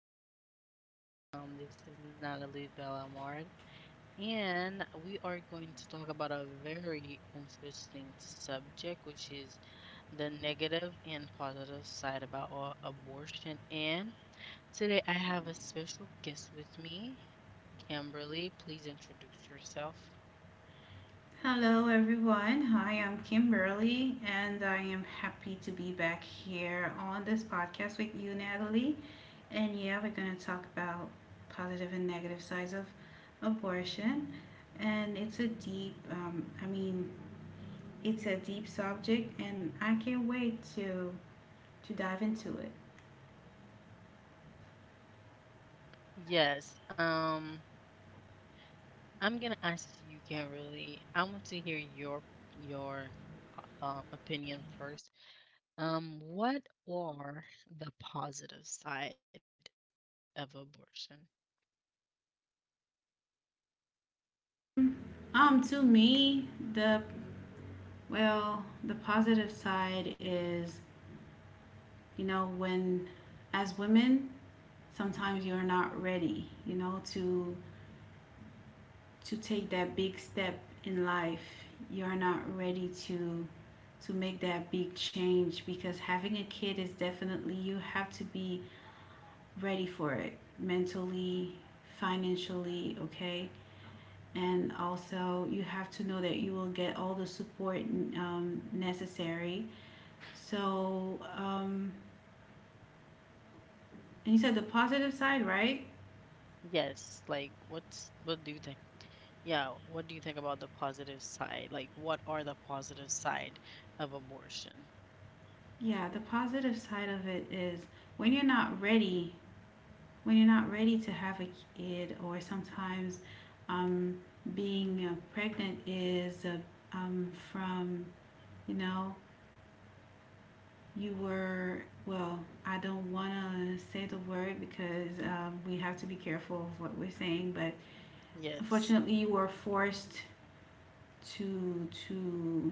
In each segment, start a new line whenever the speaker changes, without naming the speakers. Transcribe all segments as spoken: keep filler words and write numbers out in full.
back with you guys. Um, this is Natalie Bellamard, and we are going to talk about a very interesting subject, which is the negative and positive side about a- abortion. And today I have a special guest with me, Kimberly. Please introduce yourself.
Hello, everyone. Hi, I'm Kimberly, and I am happy to be back here on this podcast with you, Natalie. And yeah, we're going to talk about positive and negative sides of abortion. And it's a deep, um, I mean, it's a deep subject, and I can't wait to to dive into it.
Yes. Um. I'm gonna ask you, Kimberly. I want to hear your your uh, uh, opinion first. Um, what are the positive side of abortion?
Um, to me, the well, the positive side is, you know, when as women, sometimes you're not ready, you know, to to take that big step in life. You're not ready to to make that big change because having a kid is definitely you have to be ready for it mentally, financially, okay? And also, you have to know that you will get all the support um, necessary. So, um, and you said the positive side, right?
Yes, like what's what do you think? Yeah, what do you think about the positive side? Like, what are the positive side of abortion?
Yeah, the positive side of it is when you're not ready, when you're not ready to have a kid, or sometimes um, being uh, pregnant is uh, um, from, you know, you were, well, I don't want to say the word because um, we have to be careful of what we're saying, but
Yes,
unfortunately, you were forced to to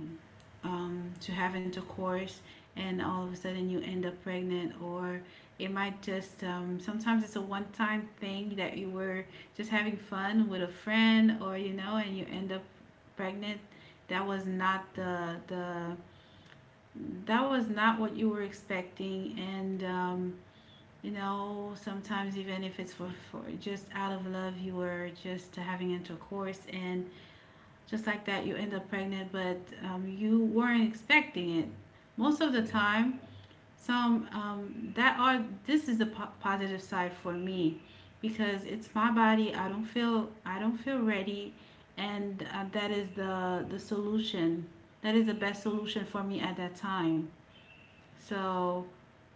um, to have intercourse and all of a sudden you end up pregnant. Or it might just, um, sometimes it's a one-time thing that you were just having fun with a friend, or you know, and you end up pregnant. That was not the the that was not what you were expecting, and um, you know, sometimes even if it's for, for just out of love, you were just having intercourse and just like that you end up pregnant, but um, you weren't expecting it most of the time. Some um, that are This is the po- positive side for me because it's my body. I don't feel i don't feel ready, and uh, that is the the solution, that is the best solution for me at that time. So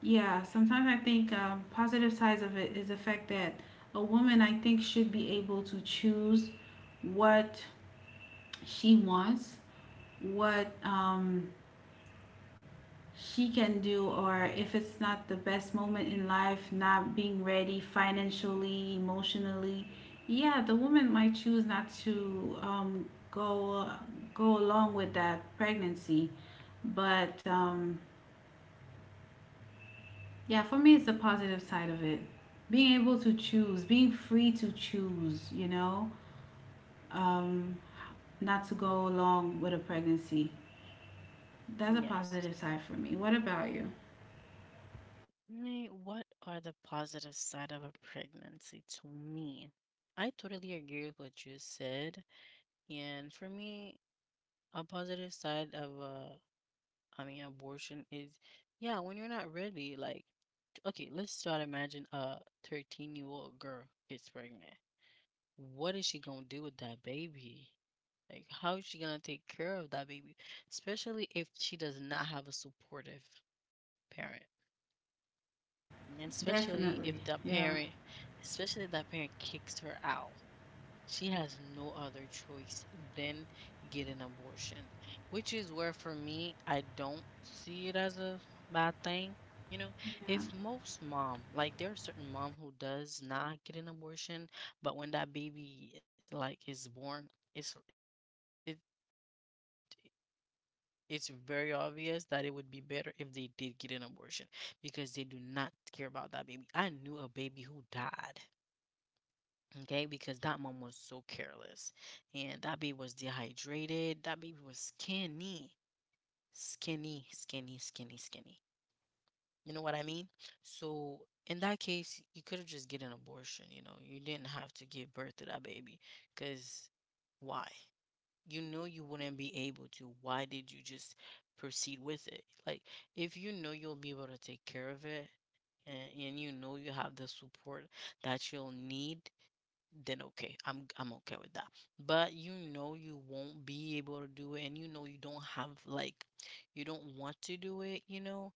yeah, sometimes I think, um, positive sides of it is the fact that a woman, I think, should be able to choose what she wants, what um, she can do, or if it's not the best moment in life, not being ready financially, emotionally. Yeah, the woman might choose not to um, go go along with that pregnancy. But um, yeah, for me, it's the positive side of it, being able to choose, being free to choose, you know, um, not to go along with a pregnancy. That's a positive side for
yes.
me. What about you?
Me, what are the positive side of a pregnancy to me? I totally agree with what you said. And for me, a positive side of uh I mean abortion is yeah, when you're not ready, like okay, let's try to imagine a thirteen year old girl gets pregnant. What is she gonna do with that baby? Like how is she gonna take care of that baby? Especially if she does not have a supportive parent. And especially if
Definitely.
that
Yeah.
parent especially if that parent kicks her out. She has no other choice than get an abortion, which is where for me I don't see it as a bad thing. You know,
Yeah.
if most mom, like there are certain mom who does not get an abortion, but when that baby like is born, it's it it's very obvious that it would be better if they did get an abortion because they do not care about that baby. I knew a baby who died. Okay, because that mom was so careless. And that baby was dehydrated. That baby was skinny, skinny, skinny, skinny, skinny. You know what I mean? So in that case, you could have just get an abortion, you know. You didn't have to give birth to that baby. Because why? You know you wouldn't be able to. Why did you just proceed with it? Like, if you know you'll be able to take care of it, and, and you know you have the support that you'll need, then okay, i'm i'm okay with that. But you know you won't be able to do it and you know you don't have, like, you don't want to do it, you know,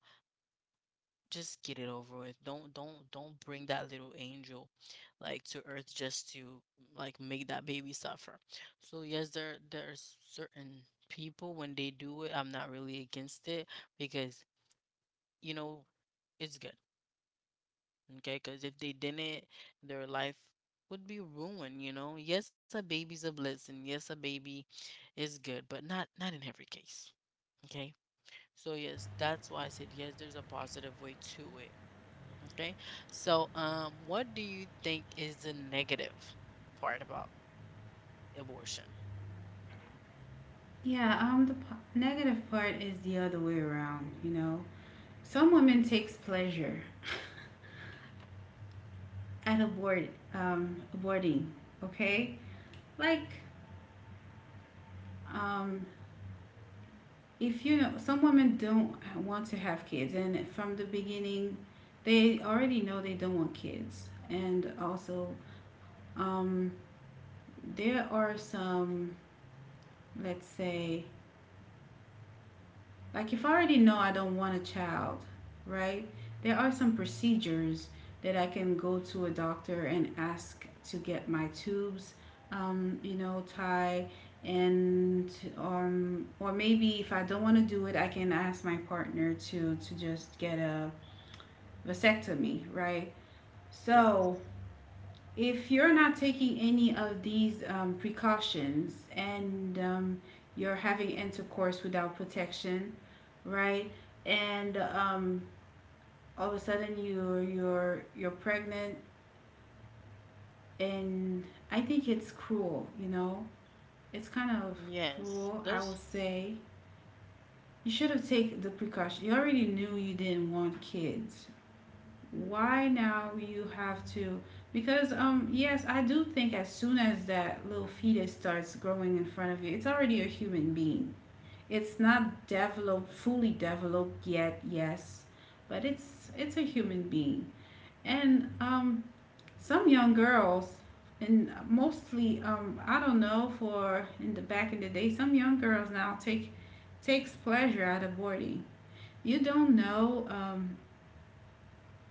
just get it over with. Don't don't don't bring that little angel like to earth just to like make that baby suffer. So yes, there there's certain people when they do it I'm not really against it because, you know, it's good. Okay, because if they didn't, their life would be ruined, you know? Yes, a baby's a blessing. Yes, a baby is good, but not not in every case. Okay? So yes, that's why I said yes, there's a positive way to it. Okay? So um what do you think is the negative part about abortion?
Yeah, um, the po- negative part is the other way around. You know, some women takes pleasure at abort, um, aborting. Okay, like, um, if you know, some women don't want to have kids, and from the beginning, they already know they don't want kids. And also, um, there are some, let's say, like if I already know I don't want a child, right? There are some procedures that I can go to a doctor and ask to get my tubes, um, you know, tie and um or maybe if I don't want to do it, I can ask my partner to to just get a vasectomy, right? So
Yes.
if you're not taking any of these um, precautions, and um, you're having intercourse without protection, right? And um, all of a sudden you're you're you're pregnant, and I think it's cruel. You know, it's kind of cruel,
Yes.
I will
There's
say. You should have taken the precaution. You already knew you didn't want kids. Why now you have to? Because um yes, I do think as soon as that little fetus starts growing in front of you, it's already a human being. It's not developed fully developed yet, yes, but it's it's a human being. And um some young girls, and mostly um I don't know, for in the back in the day, some young girls now take takes pleasure out of boarding. You don't know um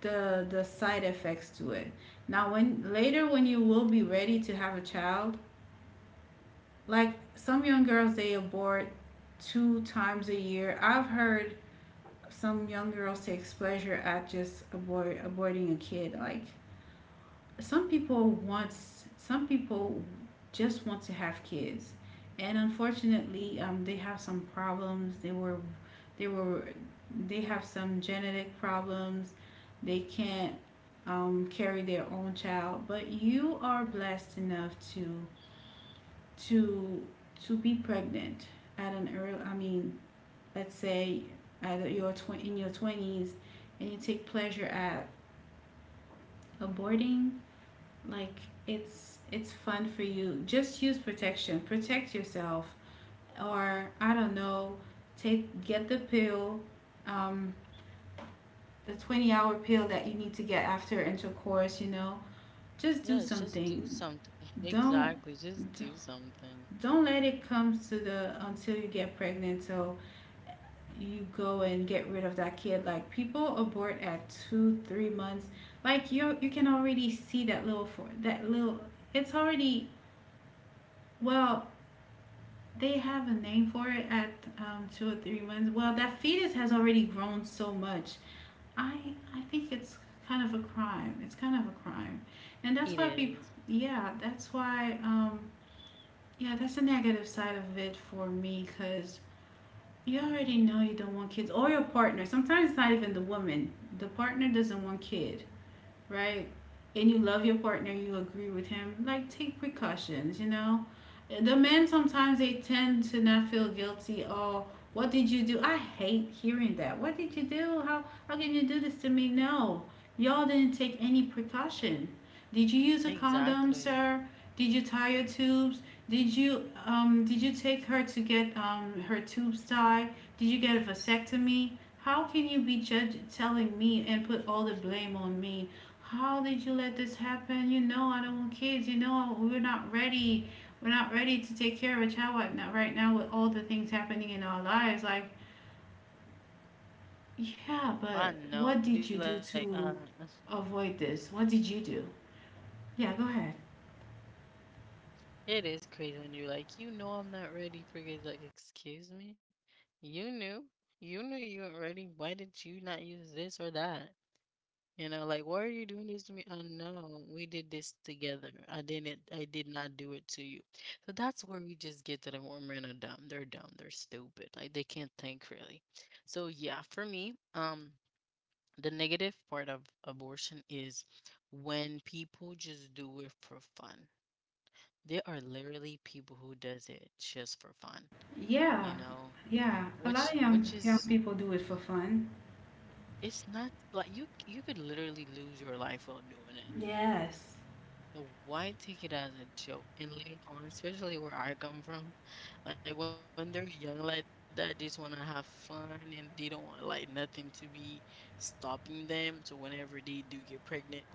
the the side effects to it now, when later when you will be ready to have a child. Like some young girls, they abort two times a year, I've heard. Some young girls takes pleasure at just abort aborting a kid. Like some people wants some people just want to have kids, and unfortunately, um, they have some problems, they were they were they have some genetic problems. They can't um, carry their own child. But you are blessed enough to to to be pregnant at an early, I mean, let's say, at your tw- in your twenties, and you take pleasure at aborting. Like, it's it's fun for you. Just use protection, protect yourself. Or I don't know, take, get the pill, um, the twenty hour pill that you need to get after intercourse, you know. Just do
yes, just do
something.
something.
don't
Exactly. Just do something.
don't let it come to the, until you get pregnant, so you go and get rid of that kid. Like people abort at two three months. Like you you can already see that little, for that little, it's already, well, they have a name for it at um, two or three months. Well, that fetus has already grown so much. I I think it's kind of a crime. It's kind of a crime, and that's why
It
people.
is.
Yeah, that's why. Um, yeah, that's the negative side of it for me, because you already know you don't want kids, or your partner. Sometimes it's not even the woman, the partner doesn't want kid, right? And you love your partner, you agree with him, like take precautions, you know? The men sometimes they tend to not feel guilty. Oh, what did you do? I hate hearing that. What did you do? How how can you do this to me? No. Y'all didn't take any precaution. Did you use a condom,
Exactly.
sir? Did you tie your tubes? Did you um did you take her to get um her tubes tied? Did you get a vasectomy? How can you be judge telling me and put all the blame on me? How did you let this happen? You know, I don't want kids. You know, we're not ready. We're not ready to take care of a child right now, right now, with all the things happening in our lives. Like, yeah, but
I
what
know. Be
did you
like,
do
uh
to avoid this? What did you do? Yeah, go ahead.
It is crazy when you're like, you know I'm not ready for kids. Like, excuse me? You knew. You knew you weren't ready. Why did you not use this or that? You know, like, why are you doing this to me? Oh, no, we did this together. I didn't, I did not do it to you. So that's where we just get to the where men are dumb. They're dumb. They're stupid. Like, they can't think really. So, yeah, for me, um, the negative part of abortion is when people just do it for fun. There are literally people who does it just for fun, you
Yeah,
know?
yeah. A lot
Which
of
which
young young
is
people do it for fun.
it's not like you you could literally lose your life while doing it.
Yes.
So why take it as a joke? And later on, especially where I come from, like when they're young like that, they just want to have fun and they don't want like nothing to be stopping them. So whenever they do get pregnant,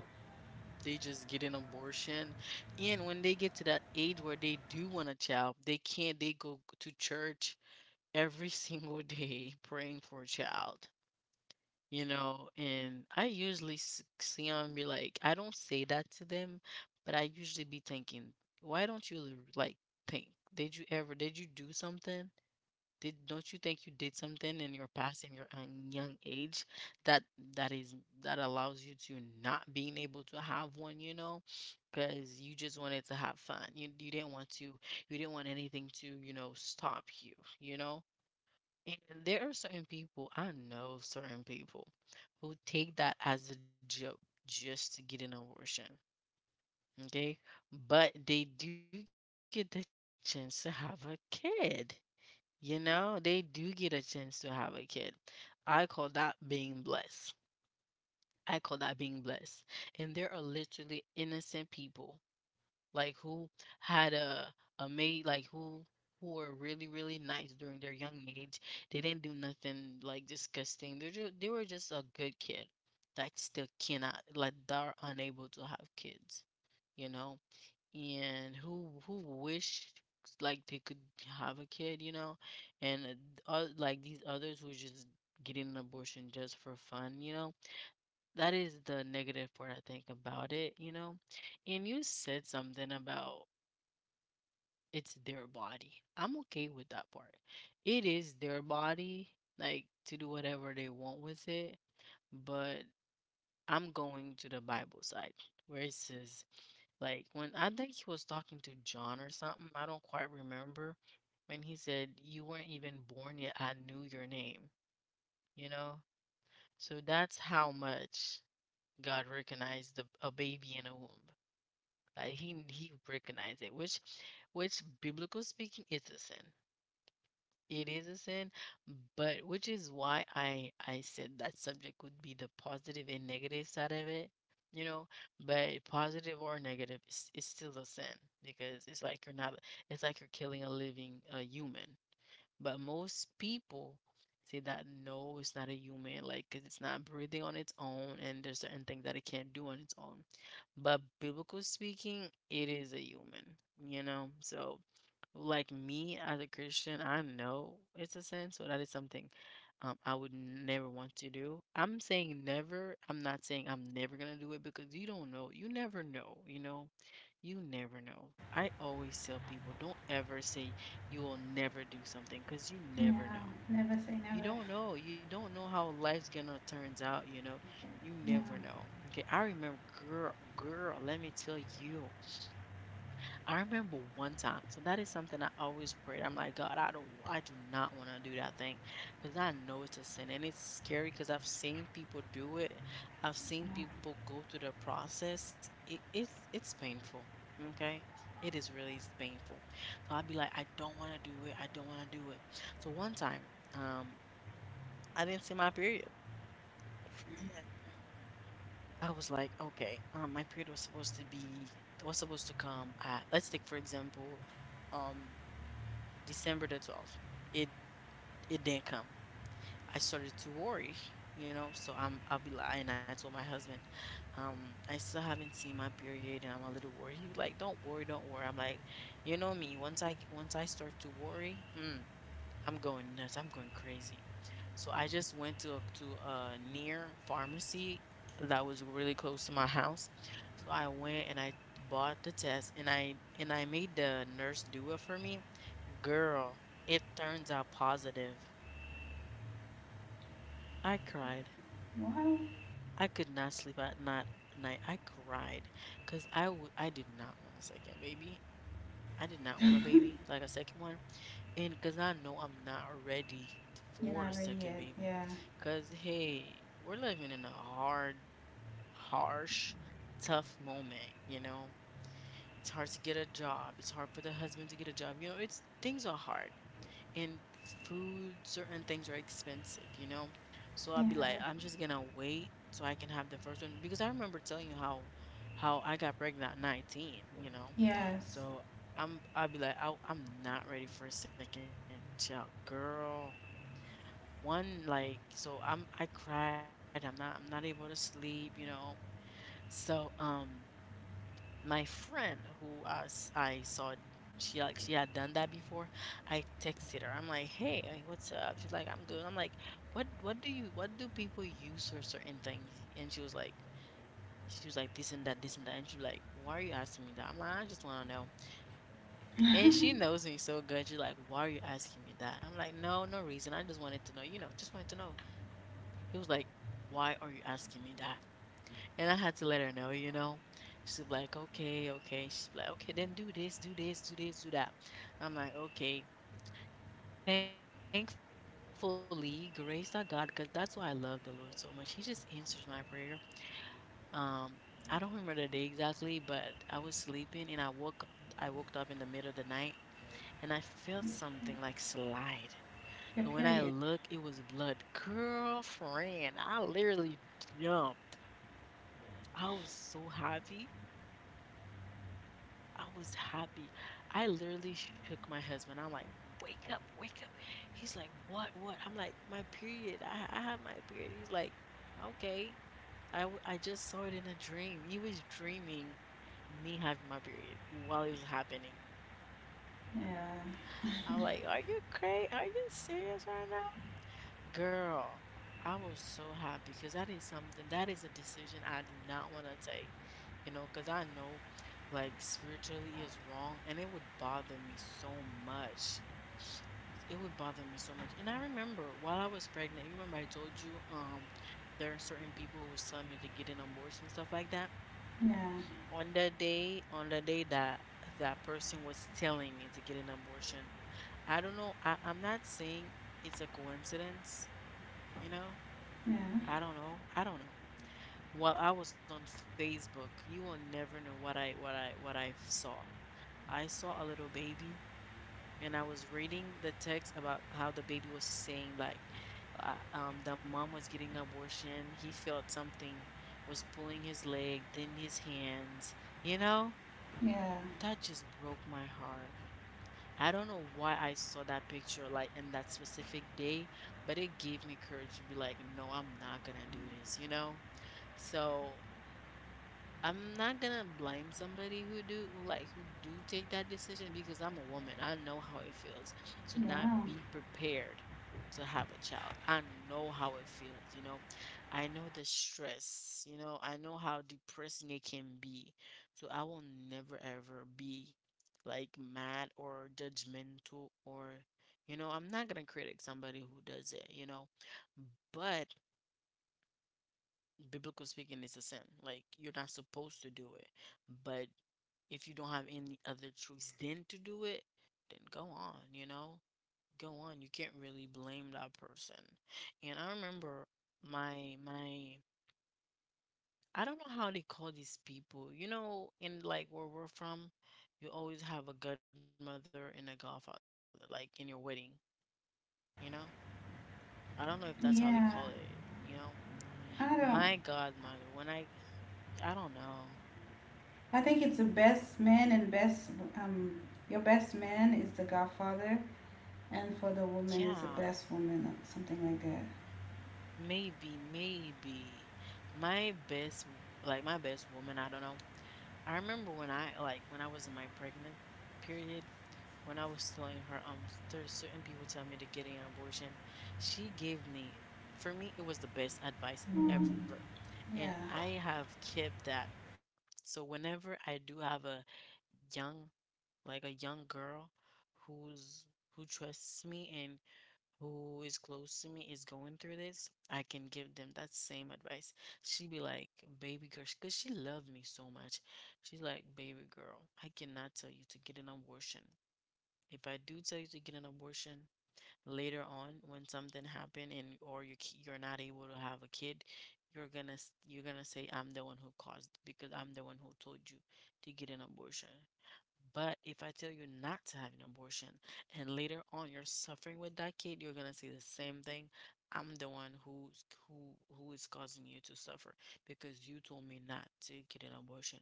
they just get an abortion. And when they get to that age where they do want a child, they can't, they go to church every single day praying for a child, you know. And I usually s- see them be like, I don't say that to them, but I usually be thinking, why don't you l- like think? Did you ever, did you do something? Did, don't you think you did something in your past in your um, young age that that is that allows you to not being able to have one, you know, because you just wanted to have fun. You you didn't want to you didn't want anything to, you know, stop you, you know? And there are certain people, I know certain people who take that as a joke just to get an abortion. Okay. But they do get the chance to have a kid. You know, they do get a chance to have a kid. I call that being blessed. I call that being blessed. And there are literally innocent people like who had a a mate like who who were really really nice during their young age. They didn't do nothing like disgusting. They just, they were just a good kid that still cannot, like, they're unable to have kids, you know. And who who wished like they could have a kid, you know. And uh, th- oth- like these others were just getting an abortion just for fun, you know. That is the negative part I think about it, you know? And you said something about it's their body. I'm okay with that part. It is their body, like to do whatever they want with it. But I'm going to the Bible side where it says, like, when I think he was talking to John or something, I don't quite remember, when he said, "You weren't even born yet, I knew your name," you know? So that's how much God recognized the, a baby in a womb. Like he he recognized it, which which biblical speaking is a sin. It is a sin, but which is why I I said that subject would be the positive and negative side of it, you know. But positive or negative, it's, it's still a sin because it's like you're not, it's like you're killing a living a human. But most people say that no, it's not a human, like, 'cause it's not breathing on its own, and there's certain things that it can't do on its own. But biblical speaking, it is a human, you know? So, like me as a Christian, I know it's a sin, so that is something um, I would never want to do. I'm saying never. I'm not saying I'm never gonna do it because you don't know. You never know, you know? You never know. I always tell people, don't ever say you will never do something because you never
Yeah.
know.
Never say
You
never.
don't know. You don't know how life's gonna turns out, you know. You
Yeah.
never know. Okay, I remember, girl, girl, let me tell you. I remember one time, so that is something I always prayed. I'm like, God, I don't, I do not want to do that thing because I know it's a sin and it's scary because I've seen people do it. I've seen
Yeah.
people go through the process. It, it's, it's painful. Okay. It is really s- painful. So I'd be like, I don't want to do it. I don't want to do it. So one time, um, I didn't see my period. Yeah. I was like, okay, um, my period was supposed to be, was supposed to come at, let's take, for example, um December the twelfth. It it didn't come. I started to worry, you know. So I'm I'll be lying. I told my husband, um, I still haven't seen my period, and I'm a little worried. He was like, "Don't worry, don't worry." I'm like, you know me. Once I once I start to worry, mm, I'm going nuts. I'm going crazy. So I just went to a, to a near pharmacy that was really close to my house. So I went and I bought the test and I and I made the nurse do it for me. Girl, it turns out positive. I cried.
Why?
I could not sleep at night. Night, I cried because I w- I did not want a second baby. I did not want a baby like a second one, and because I know I'm not ready
You're
for a
not ready
second
yet.
baby.
Yeah.
Because hey, we're living in a hard, harsh, tough moment. You know, it's hard to get a job. It's hard for the husband to get a job. You know, it's things are hard. And food, certain things are expensive, you know? So i will
Yeah.
be like, I'm just gonna wait so I can have the first one because I remember telling you how how I got pregnant at nineteen, you know?
Yes.
So I'm i will be like, I, I'm not ready for a second child, girl. One like so I'm I cried, I'm not I'm not able to sleep, you know? So um my friend who I, s- I saw she like she had done that before. I texted her. I'm like, "Hey, like, what's up?" She's like, "I'm good." I'm like, "What what do you what do people use for certain things?" And she was like she was like this and that, this and that. And she's like, "Why are you asking me that?" I'm like, "I just want to know." And she knows me so good. She's like, "Why are you asking me that?" I'm like, "No, no reason. I just wanted to know. You know, just wanted to know." He was like, "Why are you asking me that?" And I had to let her know, you know. She's like, okay, okay. She's like, okay, then do this, do this, do this, do that. I'm like, okay. Thankfully, grace our God, because that's why I love the Lord so much. He just answers my prayer. Um, I don't remember the day exactly, but I was sleeping and I woke I woke up in the middle of the night and I felt something like slide. But when I look,
Your
it was
period.
blood. Girlfriend, I literally jumped. I was so happy. I was happy. I literally shook my husband. I'm like, wake up, wake up. He's like, what, what? I'm like, my period. I, I have my period. He's like, okay. I, w- I just saw it in a dream. He was dreaming me having my period while it was happening.
Yeah.
I'm like, are you crazy? Are you serious right now? Girl, I was so happy because that is something that is a decision I do not want to take, you know, because I know like spiritually is wrong and it would bother me so much. It's- It would bother me so much. And I remember while I was pregnant, you remember I told you um there are certain people who was telling me to get an abortion and stuff like that.
Yeah,
On the day, on the day that that person was telling me to get an abortion, I don't know, I, I'm not saying it's a coincidence, you know?
yeah,
I don't know. I don't know. While I was on Facebook, you will never know what I what I what I saw. I saw a little baby and I was reading the text about how the baby was saying like uh, um the mom was getting abortion. He felt something was pulling his leg, then his hands. You know,
yeah,
that just broke my heart. I don't know why I saw that picture like in that specific day, but it gave me courage to be like, no, I'm not gonna do this, you know? So I'm not gonna blame somebody who do like who do take that decision because I'm a woman. I know how it feels to not
yeah,
be prepared to have a child. I know how it feels, you know. I know the stress, you know. I know how depressing it can be. So I will never ever be like mad or judgmental or you know, I'm not gonna critic somebody who does it, you know. But biblical speaking, it's a sin. Like you're not supposed to do it. But if you don't have any other choice than to do it, then go on, you know? Go on. You can't really blame that person. And I remember my my I don't know how they call these people. You know, in like where we're from, you always have a godmother and a godfather, like in your wedding, you know? I don't know if that's how they call
yeah.
it, you know?
I don't.
My godmother, when I I don't know.
I think it's the best man and best um. Your best man is the Godfather, and for the woman is the
Yeah.
best woman, or something like that.
Maybe, maybe my best, w- like my best woman, I don't know. I remember when I like when I was in my pregnant period, when I was telling her, um, there's certain people tell me to get an abortion. She gave me, for me, it was the best advice
Mm.
ever,
Yeah,
and I have kept that. So whenever I do have a young, like a young girl who's who trusts me and who is close to me is going through this, I can give them that same advice. She'd be like, baby girl, because she loved me so much. She's like, baby girl, I cannot tell you to get an abortion. If I do tell you to get an abortion later on when something happened and or you ki- you're not able to have a kid, you're gonna s- you're gonna say I'm the one who caused because I'm the one who told you to get an abortion. But if I tell you not to have an abortion and later on you're suffering with that kid, you're gonna say the same thing. I'm the one who's who who is causing you to suffer because you told me not to get an abortion.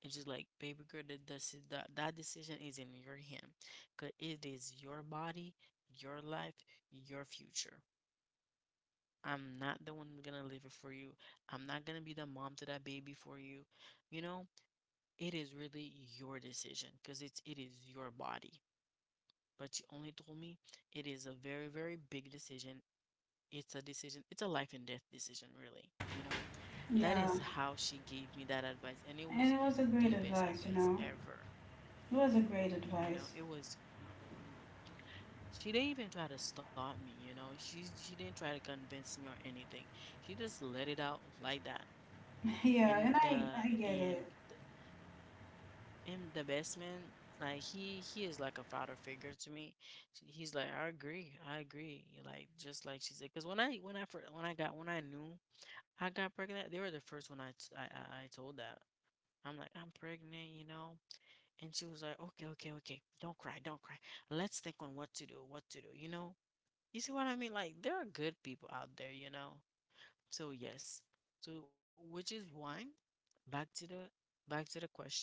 It's just like, baby girl, that deci- that, that decision is in your hand. 'Cause it is your body, your life, your future. I'm not the one who's gonna live it for you. I'm not gonna be the mom to that baby for you. You know? It is really your decision because it's it is your body. But she only told me it is a very, very big decision. It's a decision, it's a life and death decision, really. You know, that
yeah.
is how she gave me that advice, and it
And
was
it was a great
the best
advice, you
advice
know.
ever.
It was a
You know,
great
it was
advice.
she didn't even try to stop me, you know. She she didn't try to convince me or anything. She just let it out like that. And
Yeah, and
the
I I get
and
it.
him the best man. Like he he is like a father figure to me. Sh- He's like I agree, I agree. Like just like she said, because when I when I first, when I got when I knew I got pregnant, they were the first one I t- I I- I told that. I'm like I'm pregnant, you know, and she was like, okay, okay, okay, don't cry, don't cry. Let's think on what to do, what to do, you know. You see what I mean? Like there are good people out there, you know. So yes, so which is why, back to the back to the question.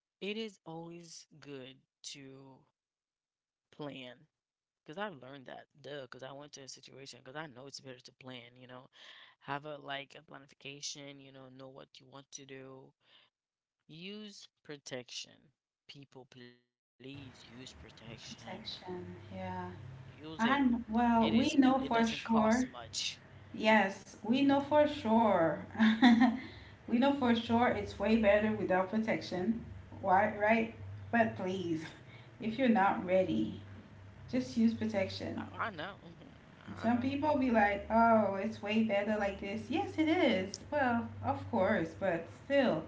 It is always good to plan because I've learned that, duh, because I went to a situation because I know it's better to plan, you know, have a like a planification, you know, know what you want to do. Use protection. People, please use protection.
Protection. Yeah.
Use it.
I'm
It
well,
isn't,
we
it
know
doesn't
for
cost
sure.
much.
Yes, we know for sure. We know for sure it's way better without protection. Why, right? But please,
I, I
if you're
know.
not ready,
I know.
just use protection. Some people be like, oh, it's way better like this. Yes, it is.
Just
Well,
use
of
it.
course, but still,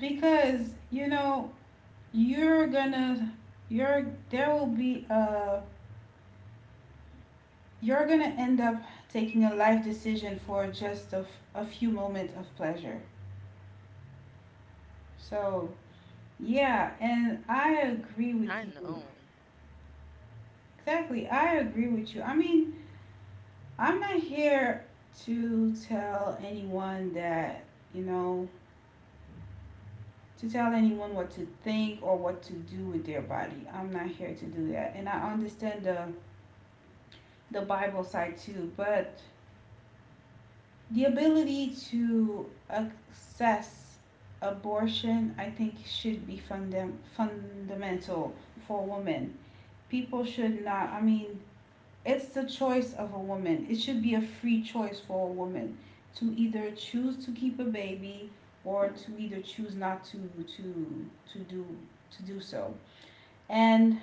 because you know, you're gonna, you're, there will be a, you're gonna end up taking a life decision for just a, f- a few moments of pleasure. So, yeah, and
I
I
know.
agree with you. Exactly. I agree with you. I mean, I'm not here to tell anyone that, you know, to tell anyone what to think or what to do with their body. I'm not here to do that. And I understand the the Bible side too. But the ability to access abortion, I think, should be fundam- fundamental for women. People should not, I mean, it's the choice of a woman. It should be a free choice for a woman to either choose to keep a baby, or to either choose not to to to do, to do so. And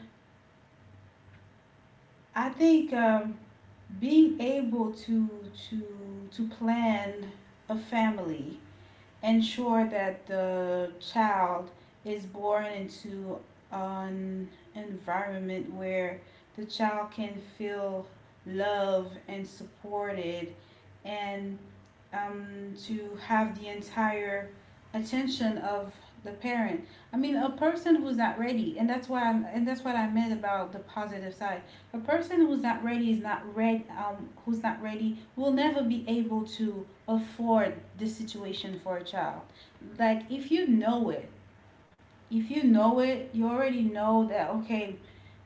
I think, um, being able to to to plan a family, ensure that the child is born into an environment where the child can feel loved and supported, and um, to have the entire attention of the parent. I mean, a person who's not ready, and that's why I'm, and that's what I meant about the positive side. A person who's not ready is not ready. Um, who's not ready will never be able to afford this situation for a child. Like if you know it, if you know it, you already know that, okay,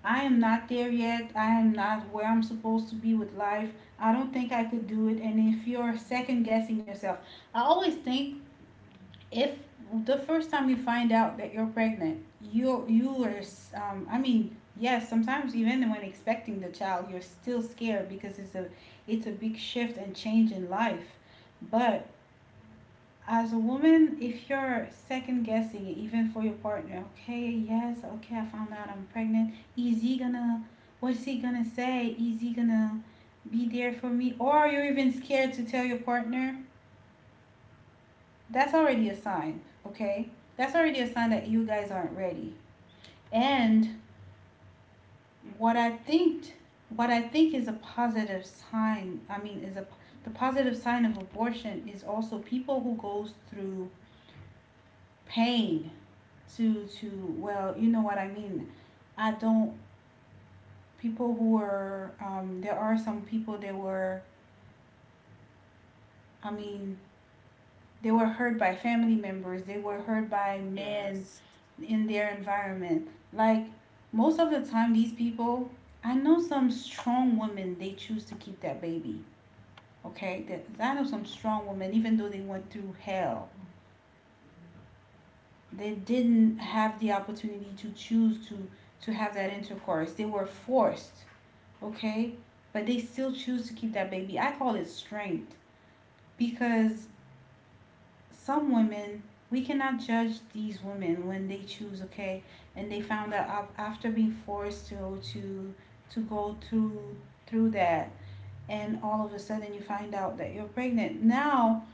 I am not there yet. I am not where I'm supposed to be with life. I don't think I could do it. And if you're second guessing yourself, I always think, if the first time you find out that you're pregnant, you you are um I mean, yes, sometimes even when expecting the child, you're still scared because it's a, it's a big shift and change in life. But as a woman, if you're second guessing even for your partner, okay, yes, okay, I found out I'm pregnant. Is he gonna, what's he gonna say? Is he gonna be there for me? Or are you even scared to tell your partner? That's already a sign, okay? That's already a sign that you guys aren't ready. And what I think, what I think is a positive sign. I mean, is a the positive sign of abortion is also people who goes through pain to to well, you know what I mean. I don't people who were um, there are some people that were I mean, they were hurt by family members. They were hurt by men
Yes.
in their environment. Like most of the time, these people I know some strong women, they choose to keep that baby. Okay, that I know some strong women, even though they went through hell, they didn't have the opportunity to choose to to have that intercourse, they were forced, okay? But they still choose to keep that baby. I call it strength because some women, we cannot judge these women when they choose, okay? And they found out after being forced to to to go through through that, and all of a sudden you find out that you're pregnant. Now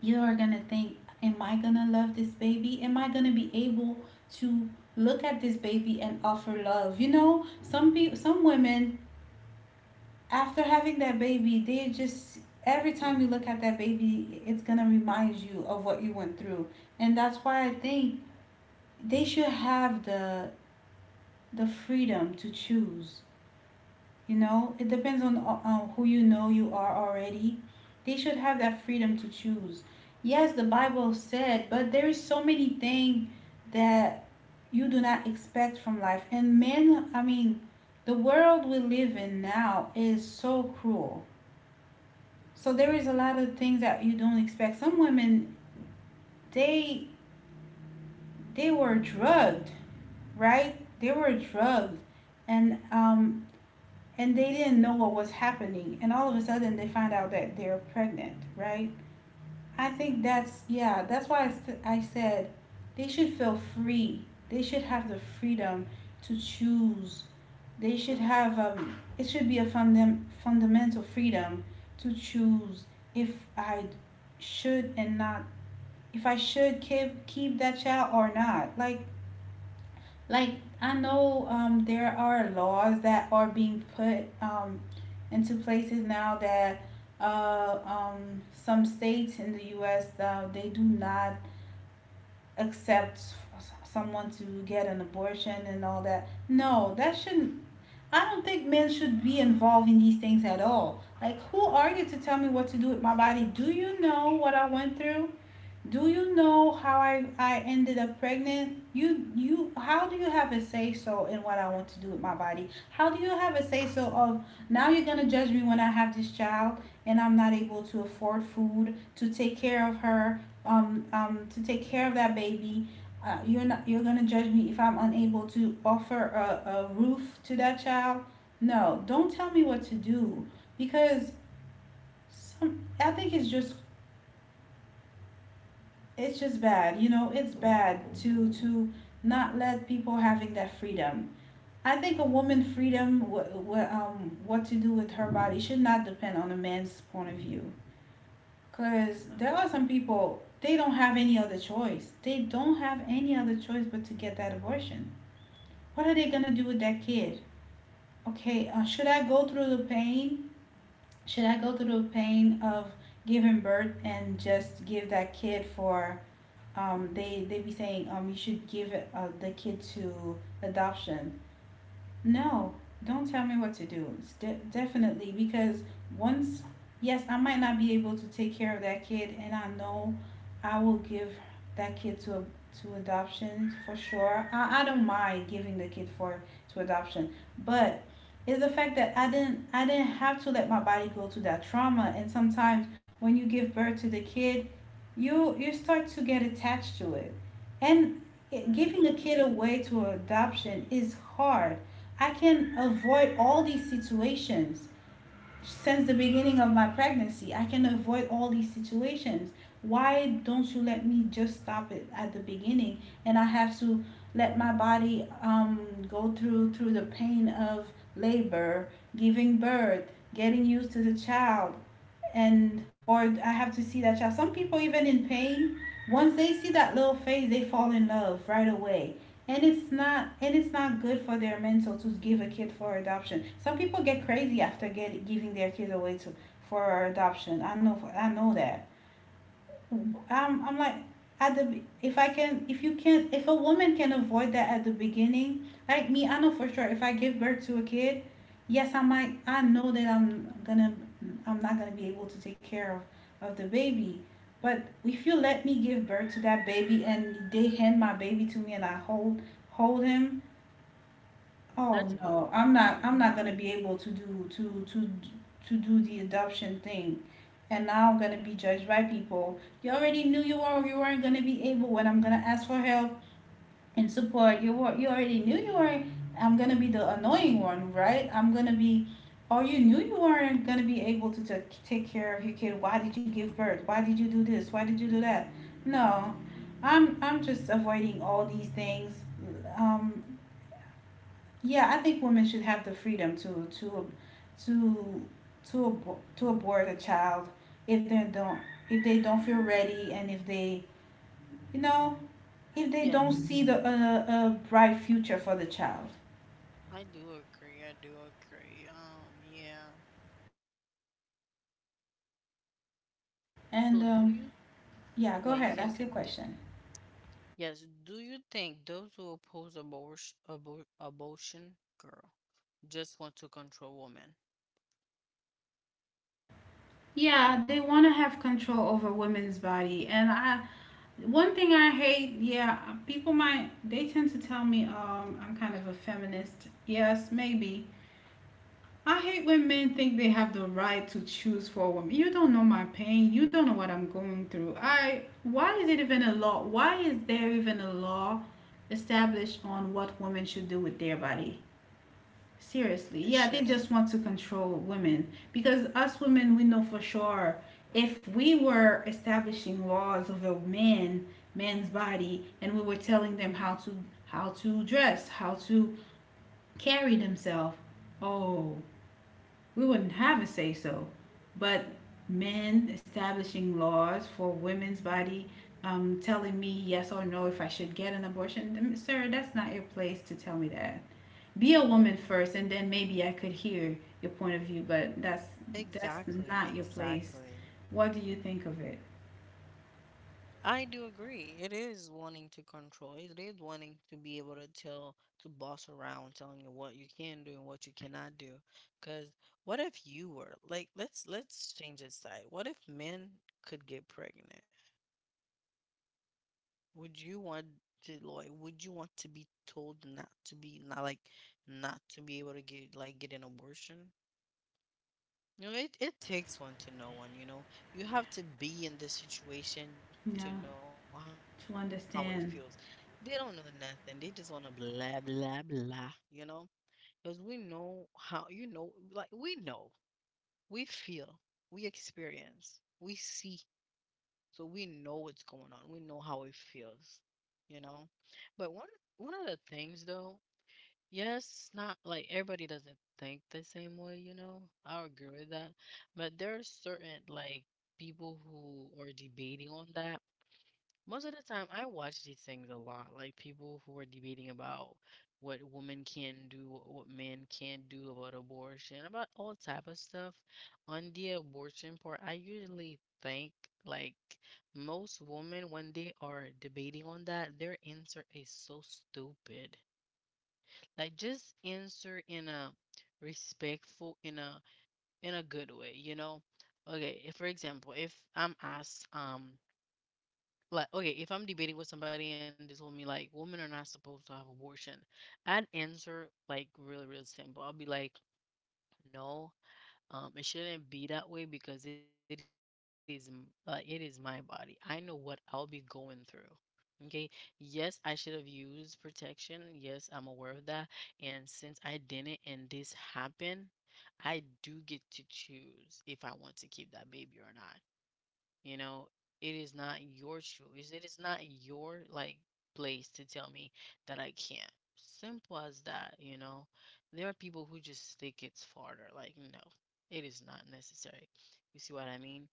you are gonna think, am I gonna love this baby? Am I gonna be able to look at this baby and offer love? You know, some people, some women after having that baby, they just, every time you look at that baby, it's gonna remind you of what you went through, and that's why I think they should have the the freedom to choose. You know, it depends on uh, who you know you are already. They should have that freedom to choose. Yes, the Bible said, but there is so many things that you do not expect from life. And men, I mean, the world we live in now is so cruel. So there is a lot of things that you don't expect. Some women, they they were drugged, right? They were drugged, and um and they didn't know what was happening, and all of a sudden they find out that they're pregnant, right? I think
Mm-hmm.
that's, yeah, that's why I I said they should feel free. They should have the freedom to choose. They should have um. It should be a fundam- fundamental freedom to choose if I should, and not if I should keep keep that child or not. Like like I know, um, there are laws that are being put, um, into places now, that uh, um, some states in the U S. Uh, they do not accept s- someone to get an abortion and all that. No, that shouldn't. I don't think men should be involved in these things at all. Like, who are you to tell me what to do with my body? Do you know what I went through? Do you know how I, I ended up pregnant? You you How do you have a say so in what I want to do with my body? How do you have a say so of now you're gonna judge me when I have this child and I'm not able to afford food to take care of her, um um to take care of that baby. Uh, you're not you're gonna judge me if I'm unable to offer a, a roof to that child. No, don't tell me what to do, because some I think it's just it's just bad, you know it's bad to to not let people having that freedom. I think a woman freedom, what what um what to do with her body, should not depend on a man's point of view, because
No.
there are some people, they don't have any other choice, they don't have any other choice but to get that abortion. What are they gonna do with that kid? Okay, uh, should I go through the pain, should I go through the pain of giving birth and just give that kid for, um, they they be saying, um, you should give, uh, the kid to adoption. No, don't tell me what to do. It's de- definitely, because once, yes, I might not be able to take care of that kid, and I know I will give that kid to a, to adoption, for sure. I, I don't mind giving the kid for to adoption, but it's the fact that I didn't I didn't have to let my body go through that trauma. And sometimes when you give birth to the kid, you you start to get attached to it, and giving a
Mm-hmm.
kid away to adoption is hard. I can avoid all these situations since the beginning of my pregnancy, I can avoid all these situations. Why don't you let me just stop it at the beginning, and I have to let my body, um, go through through the pain of labor, giving birth, getting used to the child, and or I have to see that child. Some people, even in pain, once they see that little face, they fall in love right away. And it's not and it's not good for their mental to give a kid for adoption. Some people get crazy after get, giving their kid away to for adoption. I know, I know that. I'm, I'm like, at the if I can, if you can, if a woman can avoid that at the beginning like me, I know for sure if I give birth to a kid, yes, I might, I know that I'm gonna I'm not gonna be able to take care of of the baby, but if you let me give birth to that baby and they hand my baby to me and I hold hold him, oh
There's
no,
no
I'm not I'm
I'm
not gonna
not.
be able to do to to to do the adoption thing. And now I'm gonna be judged by people. You already knew you were you weren't gonna be able, when I'm gonna ask for help and support. You were you already knew you weren't I'm gonna be the annoying one, right? I'm gonna be, oh, you knew you weren't gonna be able to take take care of your kid. Why did you give birth? Why did you do this? Why did you do that? No. I'm I'm just avoiding all these things. Um yeah, I think women should have the freedom to to to to abor- to abort a child, if they don't, if they don't feel ready, and if they, you know if they don't
Yes,
see the a uh, uh, bright future for the child.
I do agree. I do agree. Um, yeah.
And
So do
um,
you
yeah, go
Yeah, you
ahead.
can
That's your
continue.
question.
Yes, do you think those who oppose abortion abor abortion girl just want to control women?
Yeah, they want to have control over women's body. And I one thing I hate, yeah, people might they tend to tell me, um I'm kind of a feminist. Yes, maybe. I hate when men think they have the right to choose for a woman. You don't know my pain. You don't know what I'm going through. I Why is it even a law? Why is there even a law established on what women should do with their body? Seriously.
It
Yeah, they just
shouldn't.
want to control women, because us women, we know for sure, if we were establishing laws of a man, man's body, and we were telling them how to, how to dress, how to carry themselves. Oh, we wouldn't have a say so. But men establishing laws for women's body, um, telling me yes or no if I should get an abortion, sir, that's not your place to tell me that. Be a woman first, and then maybe I could hear your point of view. But that's that's
Exactly,
not your place.
exactly.
What do you think of it?
I do agree. It is wanting to control. It is wanting to be able to tell, to boss around, telling you what you can do and what you cannot do. Because what if you were like, let's let's change this side. What if men could get pregnant? Would you want to like? Would you want to be told not to be not like, not to be able to get like get an abortion? You know, it, it takes one to know one, you know. You have to be in the situation to know
Yeah,
how it feels. They
to
don't know nothing.
understand.
They just want to blah, blah, blah, you know? Because we know how, you know, like we know, we feel, we experience, we see. So we know what's going on. We know how it feels, you know? But one, one of the things, though, yes, not like everybody doesn't think the same way, you know. I agree with that. But there are certain like people who are debating on that. Most of the time I watch these things a lot, like people who are debating about what women can do, what what men can't do about abortion, about all type of stuff. On the abortion part, I usually think like most women when they are debating on that, their answer is so stupid like just answer in a respectful in a in a good way you know okay if, for example if I'm asked um like okay if I'm debating with somebody and they told me like women are not supposed to have abortion I'd answer like really really simple I'll be like no um, it shouldn't be that way because it is m- uh, it is my body. I know what I'll be going through. Okay. Yes, I should have used protection. Yes, I'm aware of that. And since I didn't and this happened, I do get to choose if I want to keep that baby or not. You know, it is not your choice. It is not your, like, place to tell me that I can't. Simple as that, you know. There are people who just think it's farther. Like, no, it is not necessary. You see what I mean?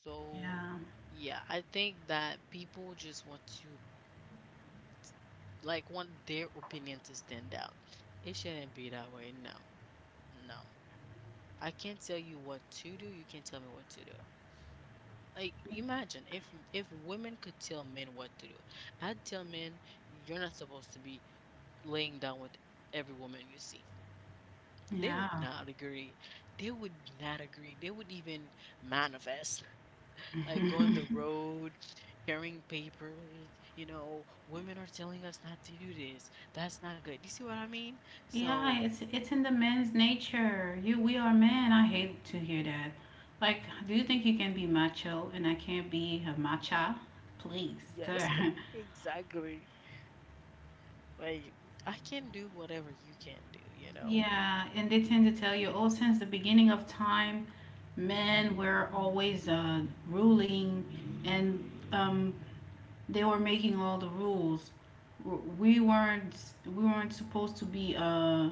So,
Yeah,
yeah, I think that people just want to like want their opinion to stand out. It shouldn't be that way. No. No. I can't tell you what to do. You can't tell me what to do. Like imagine if if women could tell men what to do. I'd tell men you're not supposed to be laying down with every woman you see. They would
yeah.
not agree. They would not agree. They would even manifest, like go on the road, carrying papers. You know, women are telling us not to do this. That's not good. You see what I mean? So
Yeah, it's it's in the men's nature. You we are men. I hate to hear that. Like, do you think you can be macho and I can't be a macha? Please, sir.
yes, exactly. Like I can do whatever you can do. You know.
Yeah, and they tend to tell you, oh, since the beginning of time, men were always, uh, ruling, and, um, they were making all the rules. We weren't we weren't supposed to be uh,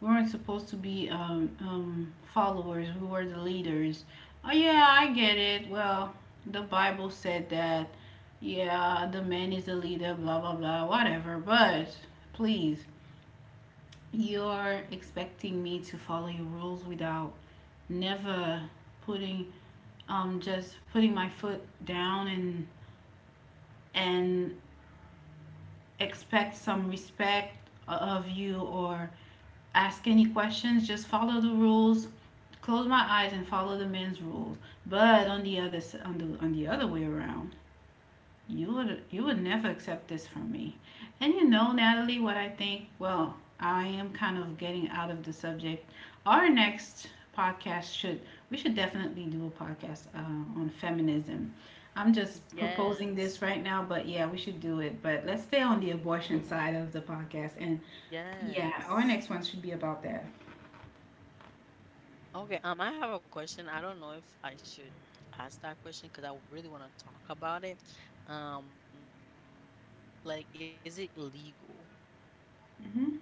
We weren't supposed to be, um, um, followers, we were the leaders. Oh, yeah, I get it. Well, the Bible said that, yeah, the man is the leader, blah, blah, blah, whatever. But please, you're expecting me to follow your rules, without never putting um just putting my foot down, and and expect some respect of you, or ask any questions, just follow the rules, close my eyes and follow the men's rules. But on the other s- on the on the other way around, you would you would never accept this from me. And you know, Natalie, what I think. Well, I am kind of getting out of the subject. Our next podcast should We should definitely do a podcast uh, on feminism. I'm just proposing this
Yes.
right now, but yeah, we should do it. But let's stay on the abortion side of the podcast, and yeah, our
Yes.
next one should be about that.
Okay, um, I have a question. I don't know if I should ask that question because I really want to talk about it. Um, like, is it legal?
Hmm.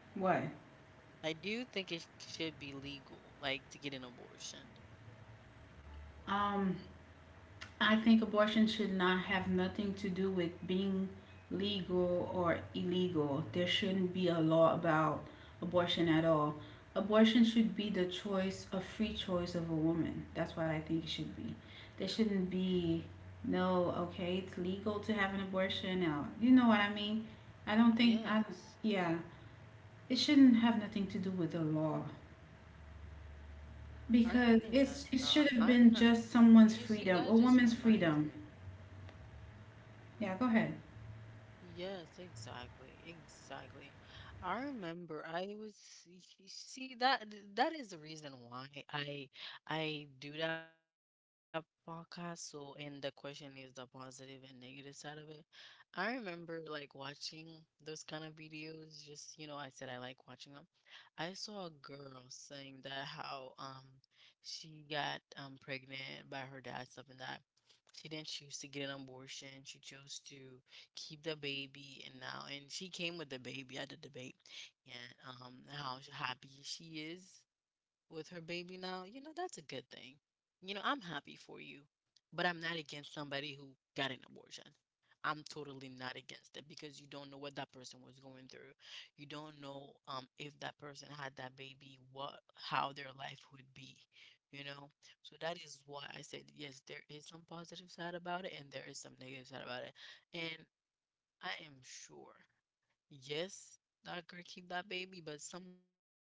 I
What?
do think it should be legal, like to get an abortion.
Um, I think abortion should not have nothing to do with being legal or illegal. There shouldn't be a law about abortion at all. Abortion should be the choice, a free choice of a woman. That's what I think it should be. There shouldn't be no, okay, it's legal to have an abortion now. You know what I mean? I don't think I
Yes.
yeah, it shouldn't have nothing to do with the law
I
because
know.
it's it
I'm,
should have
you
been
see,
just
that just
someone's
reminds
freedom, a
me.
woman's freedom. Yeah, go ahead.
Yes, exactly, exactly. I remember I was y- y- see that that is the reason why I I do that podcast. So, and the question is the positive and negative side of it. I remember like watching those kind of videos. Just you know, I said I like watching them. I saw a girl saying that how um she got um pregnant by her dad, something that she didn't choose to get an abortion. She chose to keep the baby and now and she came with the baby at the debate and um how happy she is with her baby now, you know, that's a good thing. You know, I'm happy for you, but I'm not against somebody who got an abortion. I'm totally not against it because you don't know what that person was going through. You don't know um if that person had that baby, what how their life would be, you know? So that is why I said yes, there is some positive side about it and there is some negative side about it. And I am sure. Yes, I could keep that baby, but sometimes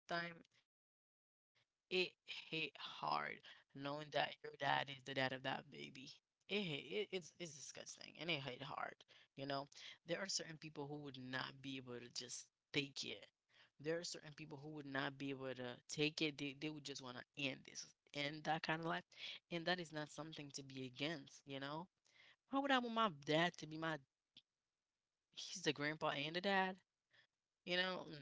it hit hard knowing that your dad is the dad of that baby. It hit, it, it's it's disgusting and it hit hard. You know, there are certain people who would not be able to just take it. There are certain people who would not be able to take it. They they would just want to end this, end that kind of life, and that is not something to be against. You know, why would I want my dad to be my? He's the grandpa and the dad. You know, no. No, no,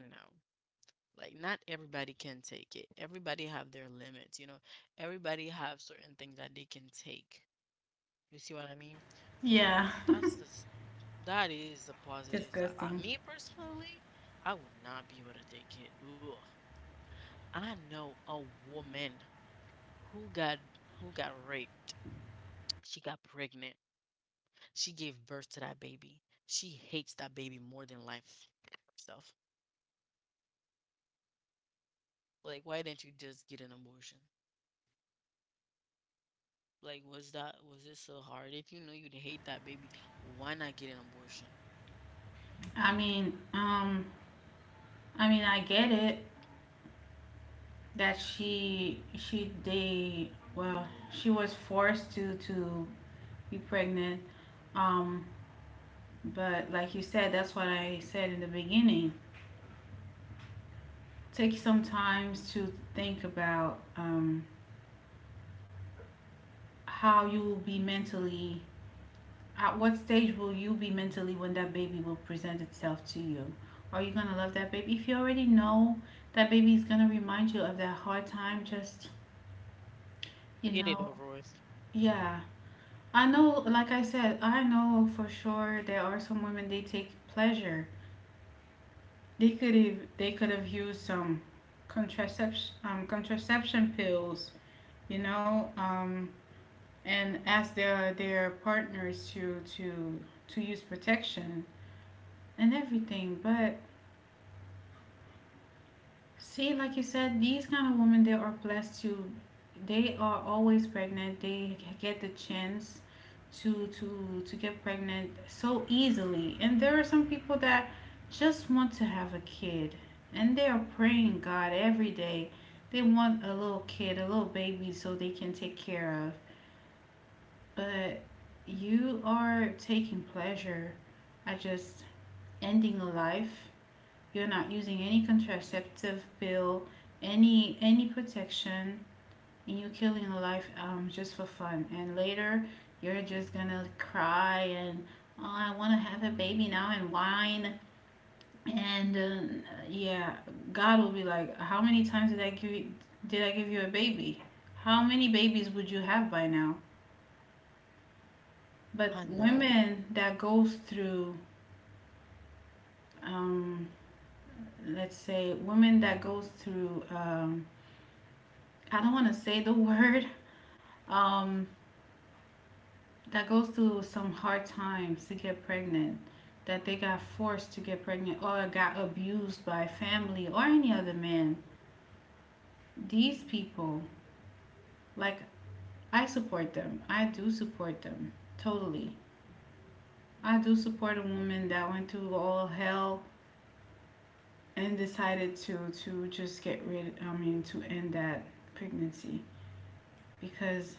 like not everybody can take it. Everybody have their limits, you know, everybody have certain things that they can take. You see what I mean? So
Yeah.
that's the s- that is the positives that I,
Disgusting.
me personally, I would not be able to take it. Ugh. I know a woman who got who got raped. She got pregnant. She gave birth to that baby. She hates that baby more than life herself. Like why didn't you just get an abortion? Like, was that was it so hard? If you know you'd hate that baby, why not get an abortion?
I mean, um, I mean, I get it that she she they well she was forced to to be pregnant, um, but like you said, that's what I said in the beginning. Take some times to think about um, how you will be mentally. At what stage will you be mentally when that baby will present itself to you? Are you gonna love that baby? If you already know that baby is gonna remind you of that hard time, just, you know,
Get it over with.
yeah. I know, like I said, I know for sure there are some women they take pleasure. They could have they could have used some contraception um, contraception pills, you know, um, and asked their their partners to to to use protection and everything, but see, like you said, these kind of women they are blessed to they are always pregnant. They get the chance to to to get pregnant so easily. And there are some people that just want to have a kid and they are praying God every day. They want a little kid, a little baby so they can take care of. But you are taking pleasure at just ending a life, you're not using any contraceptive pill, any any protection, and you're killing a life um, just for fun. And later, you're just gonna cry and, oh, I want to have a baby now and whine. And uh, yeah, God will be like, how many times did I give you, did I give you a baby? How many babies would you have by now? But
I
women
know.
that goes through, um, let's say, women that goes through, um, I don't want to say the word, um, that goes through some hard times to get pregnant, that they got forced to get pregnant or got abused by family or any other man, these people, like, I support them. I do support them totally. I do support a woman that went through all hell and decided to to just get rid. I mean, to end that pregnancy because,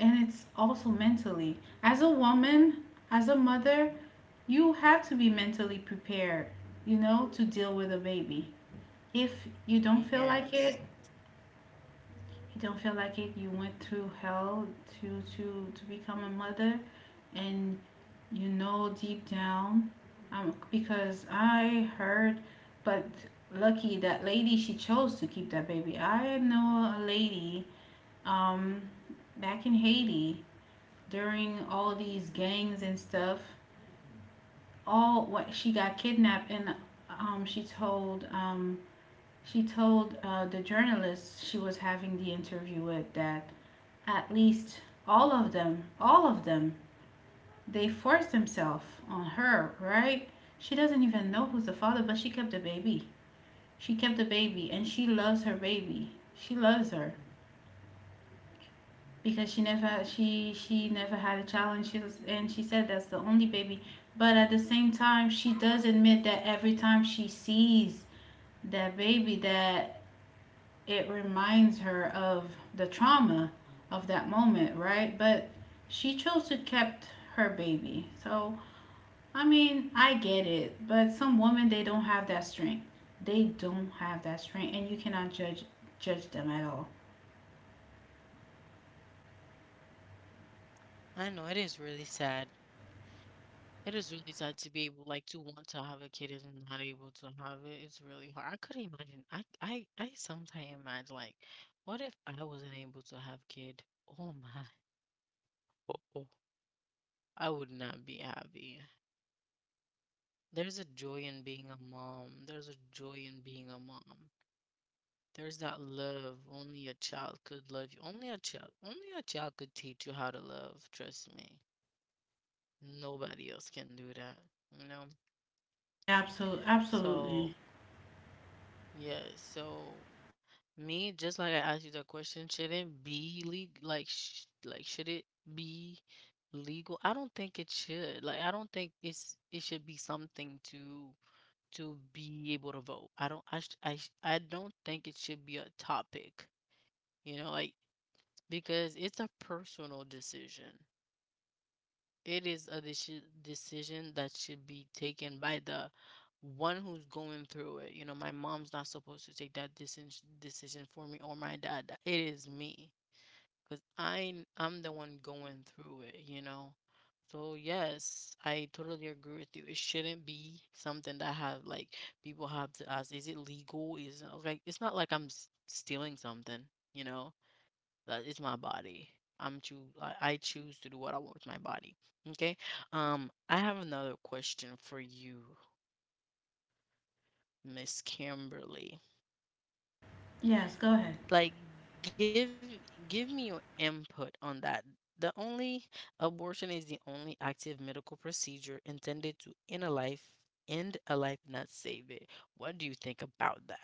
and it's also mentally, as a woman, as a mother, you have to be mentally prepared, you know, to deal with a baby. If you don't feel like it,
Yes.
you don't feel like it. You went through hell to to to become a mother, and you know deep down, um, because I heard, but lucky that lady she chose to keep that baby. I know a lady, um, back in Haiti during all these gangs and stuff, all what she got kidnapped and um, she told um, she told uh, the journalists she was having the interview with that at least all of them all of them they forced themselves on her, right? She doesn't even know who's the father, but she kept the baby, she kept the baby and she loves her baby, she loves her because she never she she never had a child, and she was, and she said that's the only baby. But at the same time she does admit that every time she sees that baby, that it reminds her of the trauma of that moment, right? But she chose to kept her baby. So I mean, I get it, but some women they don't have that strength, they don't have that strength, and you cannot judge judge them at all.
I know. It is really sad. It is really sad to be able, like, to want to have a kid and not able to have it. It's really hard. I could imagine. I, I, I sometimes imagine, like, what if I wasn't able to have kid? Oh my. Oh, I would not be happy. There's a joy in being a mom. There's a joy in being a mom. There's that love. Only a child could love you. Only a child. Only a child could teach you how to love. Trust me. Nobody else can do that. You know?
Absolutely,
So,
absolutely.
yeah. So, me, just like I asked you that question, shouldn't be legal. Like, sh- like, should it be legal? I don't think it should. Like, I don't think it's it should be something to to be able to vote. I don't. I. sh- I. sh- I don't think it should be a topic. You know, like because it's a personal decision. It is a deci- decision that should be taken by the one who's going through it. You know, my mom's not supposed to take that decision decision for me or my dad. It is me because I I'm the one going through it. You know. So yes, I totally agree with you. It shouldn't be something that have like people have to ask, is it legal? Is it like it's not like I'm s- stealing something, you know? That is my body. I'm choo- I I choose to do what I want with my body. Okay. Um, I have another question for you, Miss Kimberly.
Yes, go ahead.
Like, give give me your input on that. The only abortion is the only active medical procedure intended to end a life, end a life, not save it. What do you think about that?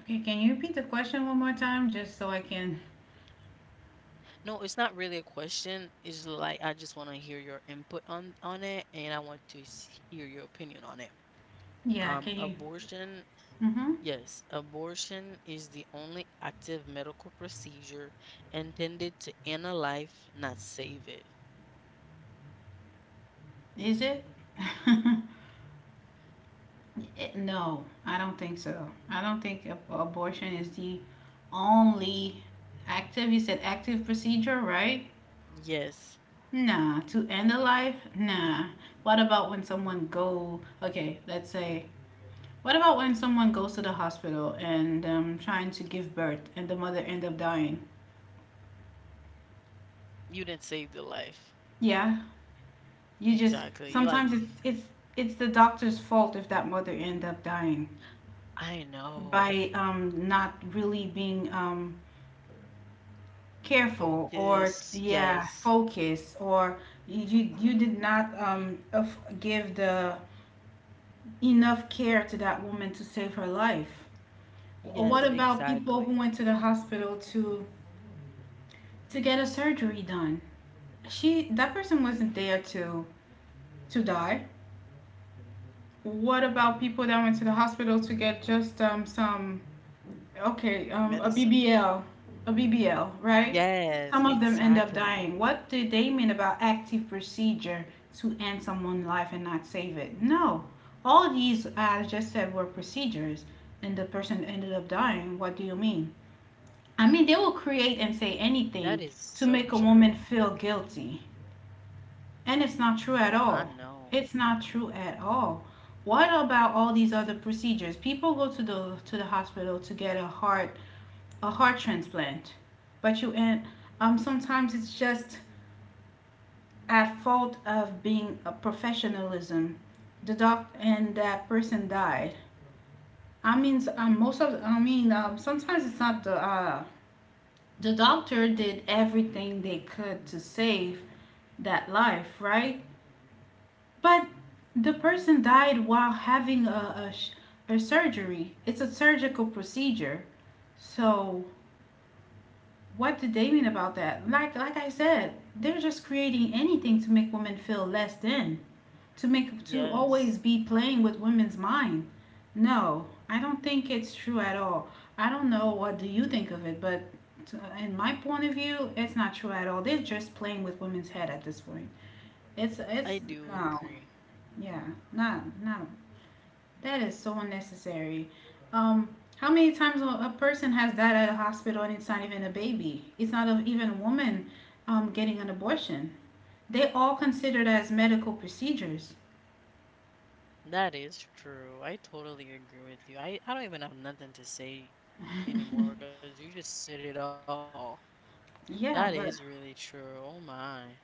Okay, can you repeat the question one more time just so I can?
No, it's not really a question. It's like I just want to hear your input on on it, and I want to s- hear your opinion on it.
Yeah,
Um,
can you?
abortion,
Mm-hmm.
yes, abortion is the only active medical procedure intended to end a life, not save it.
Is it? It- no, I don't think so. I don't think ab- abortion is the only active. You said active procedure, right?
Yes,
Nah. To end a life? Nah. What about when someone go? Okay, let's say. What about when someone goes to the hospital and um, trying to give birth and the mother end up dying?
you didn't save the life.
Yeah, you just
Exactly. You like,
sometimes
y-
it's it's it's the doctor's fault if that mother end up dying
I know.
by um not really being um careful or
Focus.
yeah
Yes.
focus or you you, you did not um of- give the enough care to that woman to save her life. What
Yes,
about people who
exactly.
went to the hospital to to get a surgery done? She that person wasn't there to to die. What about people that went to the hospital to get just um some okay, um, a
Medicine.
B B L, a B B L, right?
Yes,
Some of them end up
exactly.
dying. What did they mean about active procedure to end someone's life and not save it? No, all these I just said were procedures, and the person ended up dying. What do you mean? I mean, they will create and say
That is
anything
so
to make
true.
a woman feel guilty, and it's not true
I
at all.
know.
It's not true at all. What about all these other procedures? People go to the to the hospital to get a heart, a heart transplant, but you and um, sometimes it's just at fault of being a professionalism. The doc and that person died. I mean, um, most of I mean, um, sometimes it's not the uh, the doctor did everything they could to save that life, right? But the person died while having a a, a surgery. It's a surgical procedure, so what did they mean about that? Like like I said, they're just creating anything to make women feel less than, to make to
Yes,
always be playing with women's mind. No, I don't think it's true at all. I don't know what do you think of it, but in my point of view, it's not true at all. They're just playing with women's head at this point. It's it's
I do
no,
agree.
yeah, not no. That is so unnecessary. Um, how many times a a person has died at a hospital and it's not even a baby? It's not a, even a woman um, getting an abortion. They all considered as medical procedures.
That is true. I totally agree with you. I, I don't even have nothing to say anymore because you just said it all.
Yeah,
That
but
is really true. Oh my.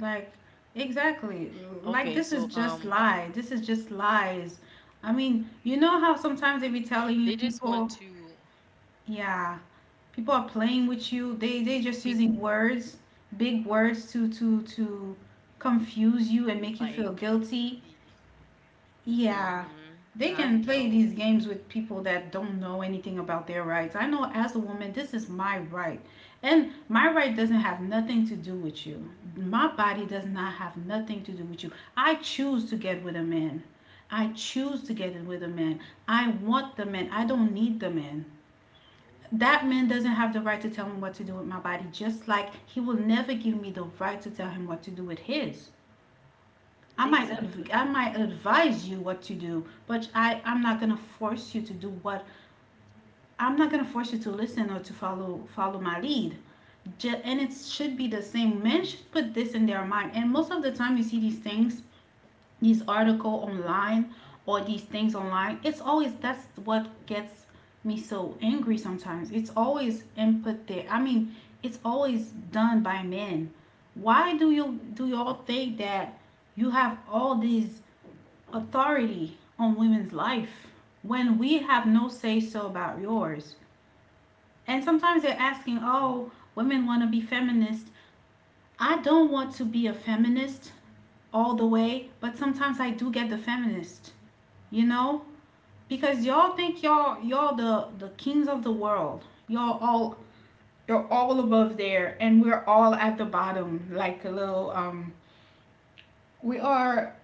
like, exactly. Like
Okay,
this is
so
just
um,
lie. This is just lies. I mean, you know how sometimes they be telling you
they just
people,
want to
yeah, people are playing with you. They they just using
be
words, big words to to to confuse you and make you feel
like,
guilty. Yeah. They
mm-hmm.
can play
I
these games
know
with people that don't know anything about their rights. I know as a woman, this is my right. And my right doesn't have nothing to do with you. My body does not have nothing to do with you. I choose to get with a man. I choose to get it with a man. I want the man. I don't need the man, that man doesn't have the right to tell me what to do with my body, just like he will never give me the right to tell him what to do with his. I might adv- I might
exactly,
advise you what to do, but I I'm not gonna force you to do what, I'm not gonna force you to listen or to follow follow my lead. Ju- and it should be the same. Men should put this in their mind. And most of the time, you see these things, these article online or these things online, it's always, that's what gets me so angry sometimes, it's always input there, I mean, it's always done by men. Why do you do y'all think that you have all this authority on women's life when we have no say so about yours? And sometimes they're asking, oh, women want to be feminist. I don't want to be a feminist all the way, but sometimes I do get the feminist, you know, because y'all think y'all y'all the the kings of the world, y'all all, you're all above there and we're all at the bottom like a little um, we are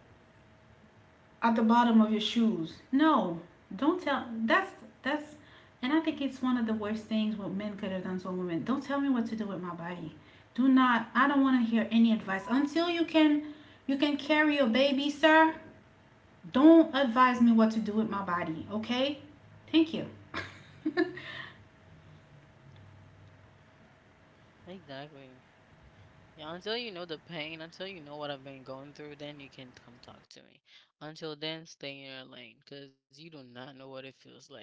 at the bottom of your shoes. No, don't tell that's that's and I think it's one of the worst things what men could have done to a woman. Don't tell me what to do with my body. Do not, I don't want to hear any advice until you can, you can carry a baby, sir. Don't advise me what to do with my body, okay? Thank you.
exactly. Yeah, until you know the pain, until you know what I've been going through, then you can come talk to me. Until then, stay in your lane because you do not know what it feels like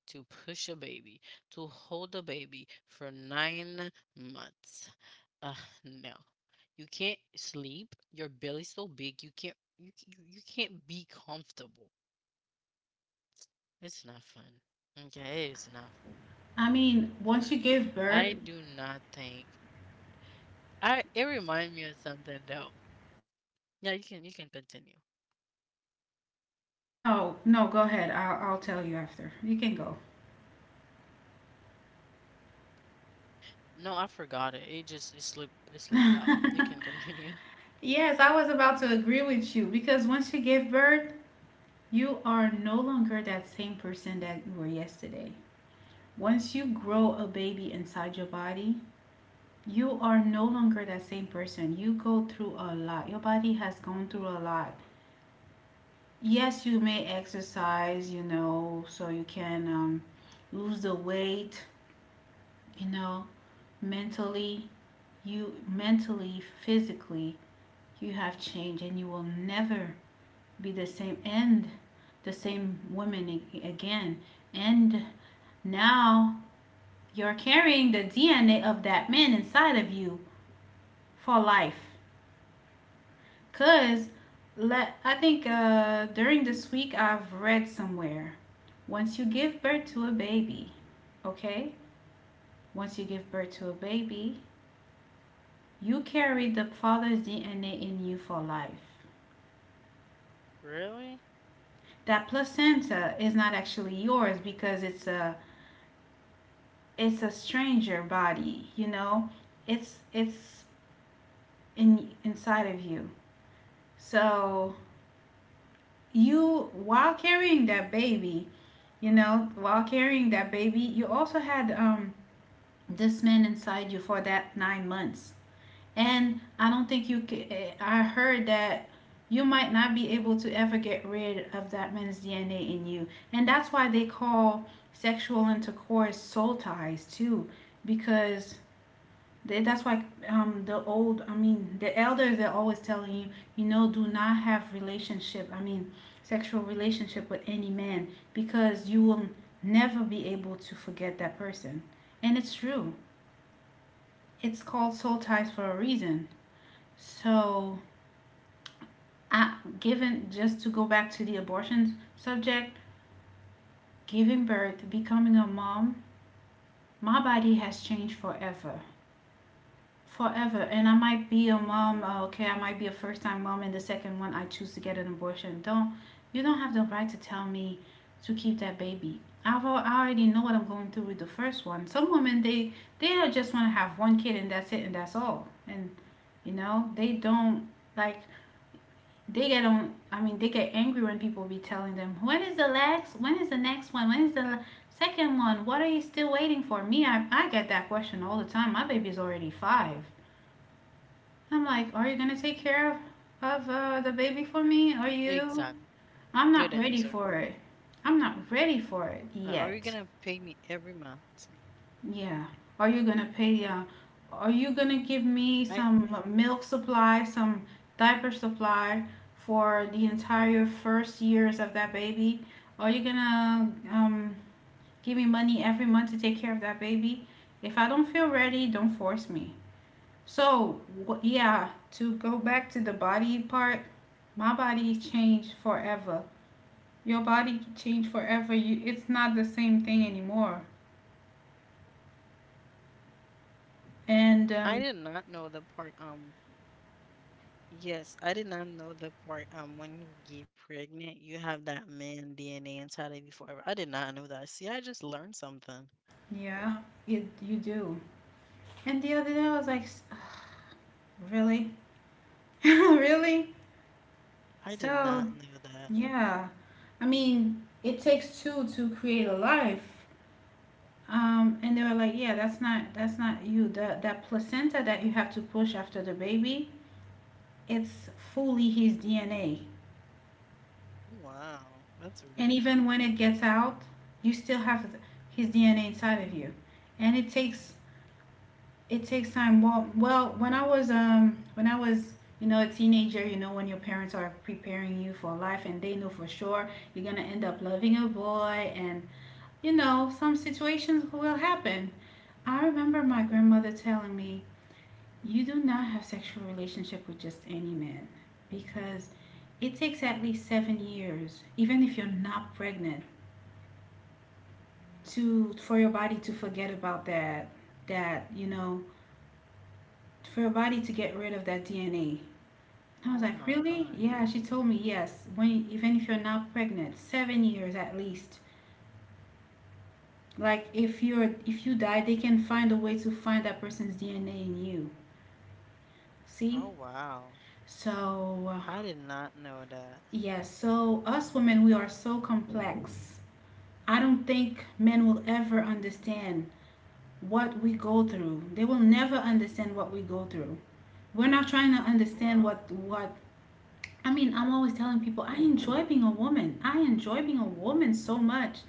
to push a baby, to hold a baby for nine months. Uh, no, you can't sleep. Your belly's so big, you can't you c- you you can't be comfortable. It's not fun. Okay, it's not fun.
I
I
mean,
do
once you
not
give
think
birth,
I. It reminds me of something though. Yeah, you can you can continue.
no, no, go ahead. I'll, I'll tell you after. You can go.
No, I forgot it. It just it slipped it slipped out. You can continue.
Yes, I was about to agree with you because once you give birth, you are no longer that same person that you were yesterday. Once you grow a baby inside your body, you are no longer that same person. You go through a lot. Your body has gone through a lot. Yes, you may exercise, you know, so you can um, lose the weight, you know, mentally, you mentally, physically, you have changed and you will never be the same and the same woman a- again. And now you're carrying the D N A of that man inside of you for life. Cause let I think uh, during this week I've read somewhere. Once you give birth to a baby, okay? Once you give birth to a baby, you carry the father's D N A in you for life. That
Really?
placenta is not actually yours because it's a it's a stranger body, you know? It's it's in inside of you. So you while carrying that baby you know while carrying that baby, you also had um this man inside you for that nine months, and I don't think you could. I heard that you might not be able to ever get rid of that man's DNA in you, and that's why they call sexual intercourse soul ties too, because Th- that's why um, the old, I mean, the elders are always telling you, you know, do not have relationship, I mean, sexual relationship with any man because you will never be able to forget that person. And it's true. It's called soul ties for a reason. So, I, given, just to go back to the abortion subject, giving birth, becoming a mom, my body has changed forever. Forever, and I might be a mom, uh, okay, I might be a first time mom, and the second one I choose to get an abortion, don't you don't have the right to tell me to keep that baby. I've, I already know what I'm going through with the first one. Some women, they they just want to have one kid, and that's it, and that's all. And you know they don't, like, they get on I mean, they get angry when people be telling them, "When is the next? When is the next one When is the second one? What are you still waiting for me?" I, I get that question all the time. My baby's already five. I'm like, are you gonna take care of of uh, the baby for me? Are you? I'm not ready
Exact.
for it.
Good
I'm not
answer.
ready for it
Uh, Are
yet.
you gonna pay me every month?
Yeah. Are you gonna pay? Uh, are you gonna give me some
I
milk supply, some diaper supply for the entire first years of that baby? Are you gonna um, give me money every month to take care of that baby? If I don't feel ready, don't force me. So, yeah, to go back to the body part, my body changed forever. Your body changed forever. You, it's not the same thing anymore. And um,
I did not know the part. Um, yes, I did not know the part. Um, when you get pregnant, you have that man D N A inside of you forever. I did not know that. See, I just learned
yeah,
something.
it you do. And the other day I was like, "S- Really, really." So
I did not
yeah,
know
I
that.
mean, it takes two to create a life. Um, and they were like, yeah, that's not that's not you. That that placenta that you have to push after the baby, it's fully his D N A.
Oh,
And even when
wow,
it gets
that's really
out, you
cool.
still have his D N A inside of you, and it takes it takes time. Well, well, when I was um when I was you know a teenager. You know when your parents are preparing you for life, and they know for sure you're gonna end up loving a boy, and you know some situations will happen. I remember my grandmother telling me, "You do not have sexual relationship with just any man because." It takes at least seven years, even if you're not pregnant, to for your body to forget about that that you know for your body to get rid of that D N A. I was like, really? Yeah,
Oh
she told me
my.
yes. When even if you're not pregnant, seven years at least. Like if you're if you die, they can find a way to find that person's D N A in you. See?
Oh wow.
So uh,
I did
yes.
not
Yeah,
know that.
so us women, we are so complex. I don't think men will ever understand what we go through. They will never understand what we go through. We're not trying to understand what what
Oh wow.
I mean, I'm always telling people I enjoy being a woman. I enjoy being a woman so much.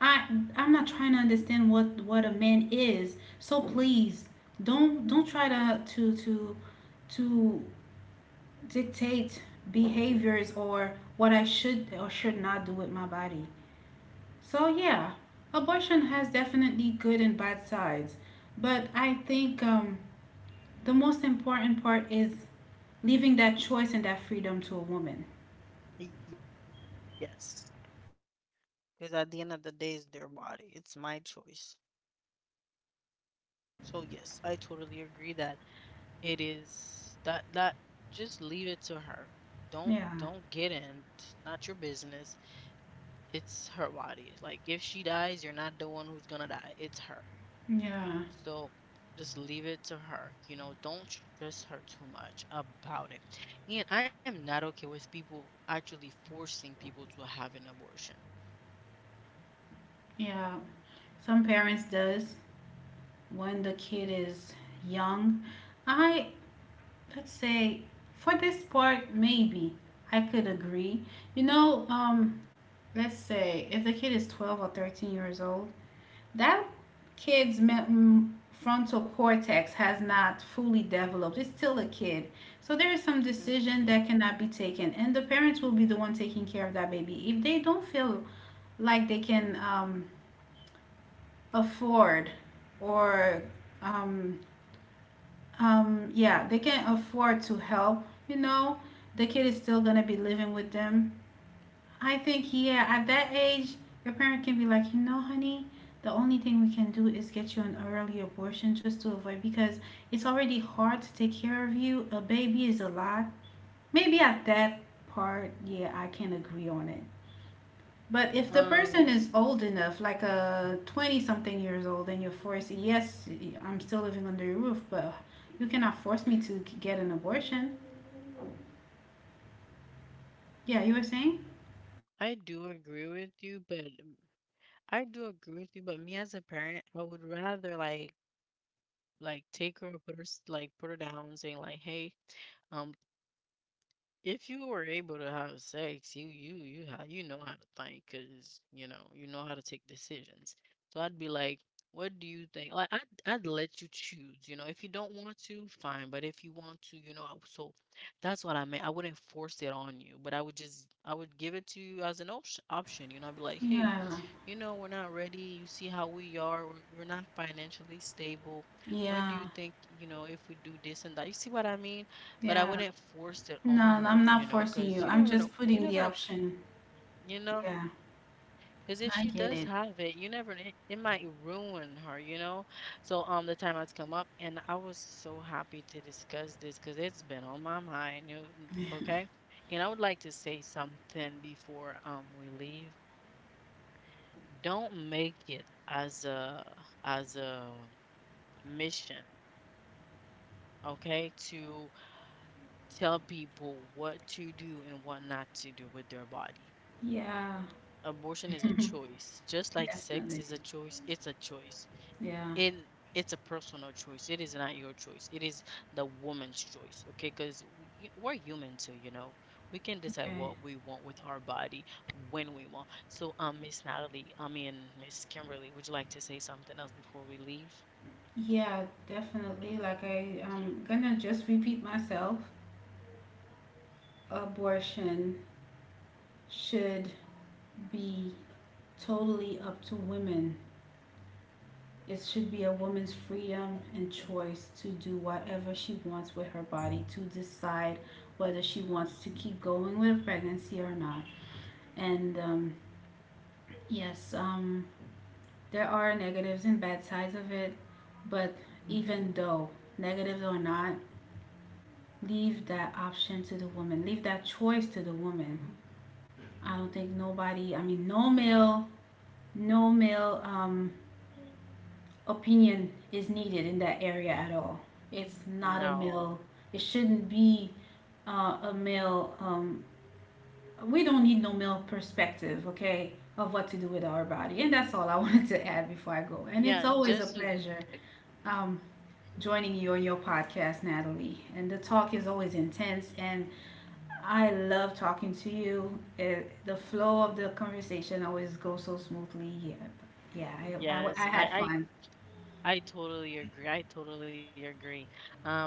I I'm not trying to understand what what a man is. So please don't don't try to to to to dictate behaviors or what I should or should not do with my body. So yeah, abortion has definitely good and bad sides, but I think um the most important part is leaving that choice and that freedom to a woman.
Yes, because at the end of the day, it's their body. It's my choice. So yes, I totally agree that it is that that just leave it to her. Don't
Yeah,
don't get in. It's not your business. It's her body. Like if she dies, you're not the one who's gonna die. It's her.
yeah,
So just leave it to her. You know, don't stress her too much about it. And I am not okay with people actually forcing people to have an abortion.
yeah. Some parents does when the kid is young. I Let's say for this part, maybe I could agree. You know, um, let's say if the kid is twelve or thirteen years old, that kid's frontal cortex has not fully developed. It's still a kid. So there is some decision that
Hmm.
cannot be taken, and the parents will be the one taking care of that baby. If they don't feel like they can um, afford or um, um, yeah, they can afford to help, you know, the kid is still gonna be living with them. I think, yeah, at that age, your parent can be like, you know, honey, the only thing we can do is get you an early abortion, just to avoid, because it's already hard to take care of you. A baby is a lot. Maybe at that part, yeah, I can agree on it. But if the person is old enough,
Um,
like a twenty something years old, and you're forced, yes, I'm still living under your roof, but you cannot force me to get an abortion. Yeah, you were saying?
I do agree with you, but mm, I do agree with you, but me as a parent, I would rather like like take her, put her s- like put her down and say like, hey, um, if you were able to have sex, you you you how you know how to think, cause you know you know how to take decisions. So I'd be like, what do you think? Like I'd I'd let you choose. You know, if you don't want to, fine. But if you want to, you know, I- so that's what I meant. I wouldn't force it on you, but I would just I would give it to you as an option. Option, you know, I'd be like, hey.
Yeah,
You know, we're not ready. You see how we are. We're, we're not financially stable. What do
yeah,
you think, you know, if we do this and that? You see what I mean? But I
yeah.
wouldn't force it
No,
on
I'm
her,
not
you know,
forcing you.
because you
I'm
never
just
know.
putting
You
the
never know,
option.
you know,
Yeah.
because if
I
she
get it.
does have it, you never, it, it might ruin her, you know? So, um, the time has come up and I was so happy to discuss this because it's been on my mind, you okay? And I would like to say something before, um, we leave. Don't make it as a as a mission, okay, to tell people what to do and what not to do with their body.
Yeah,
Abortion is a choice, just like sex
definitely.
is a choice, it's a choice,
Yeah.
and it's a personal choice. It is not your choice, it is the woman's choice, okay, because we are human too, you know. We can decide
Okay.
what we want with our body when we want. So um, Miss Natalie, I mean, Miss Kimberly, would you like to say something else before we leave?
Yeah, definitely. Like I, I'm gonna just repeat myself. Abortion should be totally up to women. It should be a woman's freedom and choice to do whatever she wants with her body, to decide whether she wants to keep going with a pregnancy or not. And um, yes, um, there are negatives and bad sides of it, but even though negatives or not, leave that option to the woman. Leave that choice to the woman. I don't think nobody, I mean, no male no male um, opinion is needed in that area at all. It's not a
No.
male. It shouldn't be uh, a male. Um, we don't need no male perspective, okay, of what to do with our body. And that's all I wanted to add before I go. And it's
Yeah,
always a
just uh,
pleasure. I'm joining you on your podcast, Natalie. And the talk is always intense, and I love talking to you. It, the flow of the conversation always goes so smoothly. Yeah, yeah, I, I,
yes.
I
I
had
I
fun.
I totally agree. I totally agree. Um,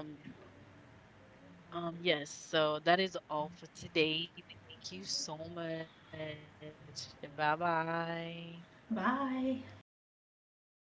um, yes, so that is all for today. Thank you so much. Bye-bye.
Bye.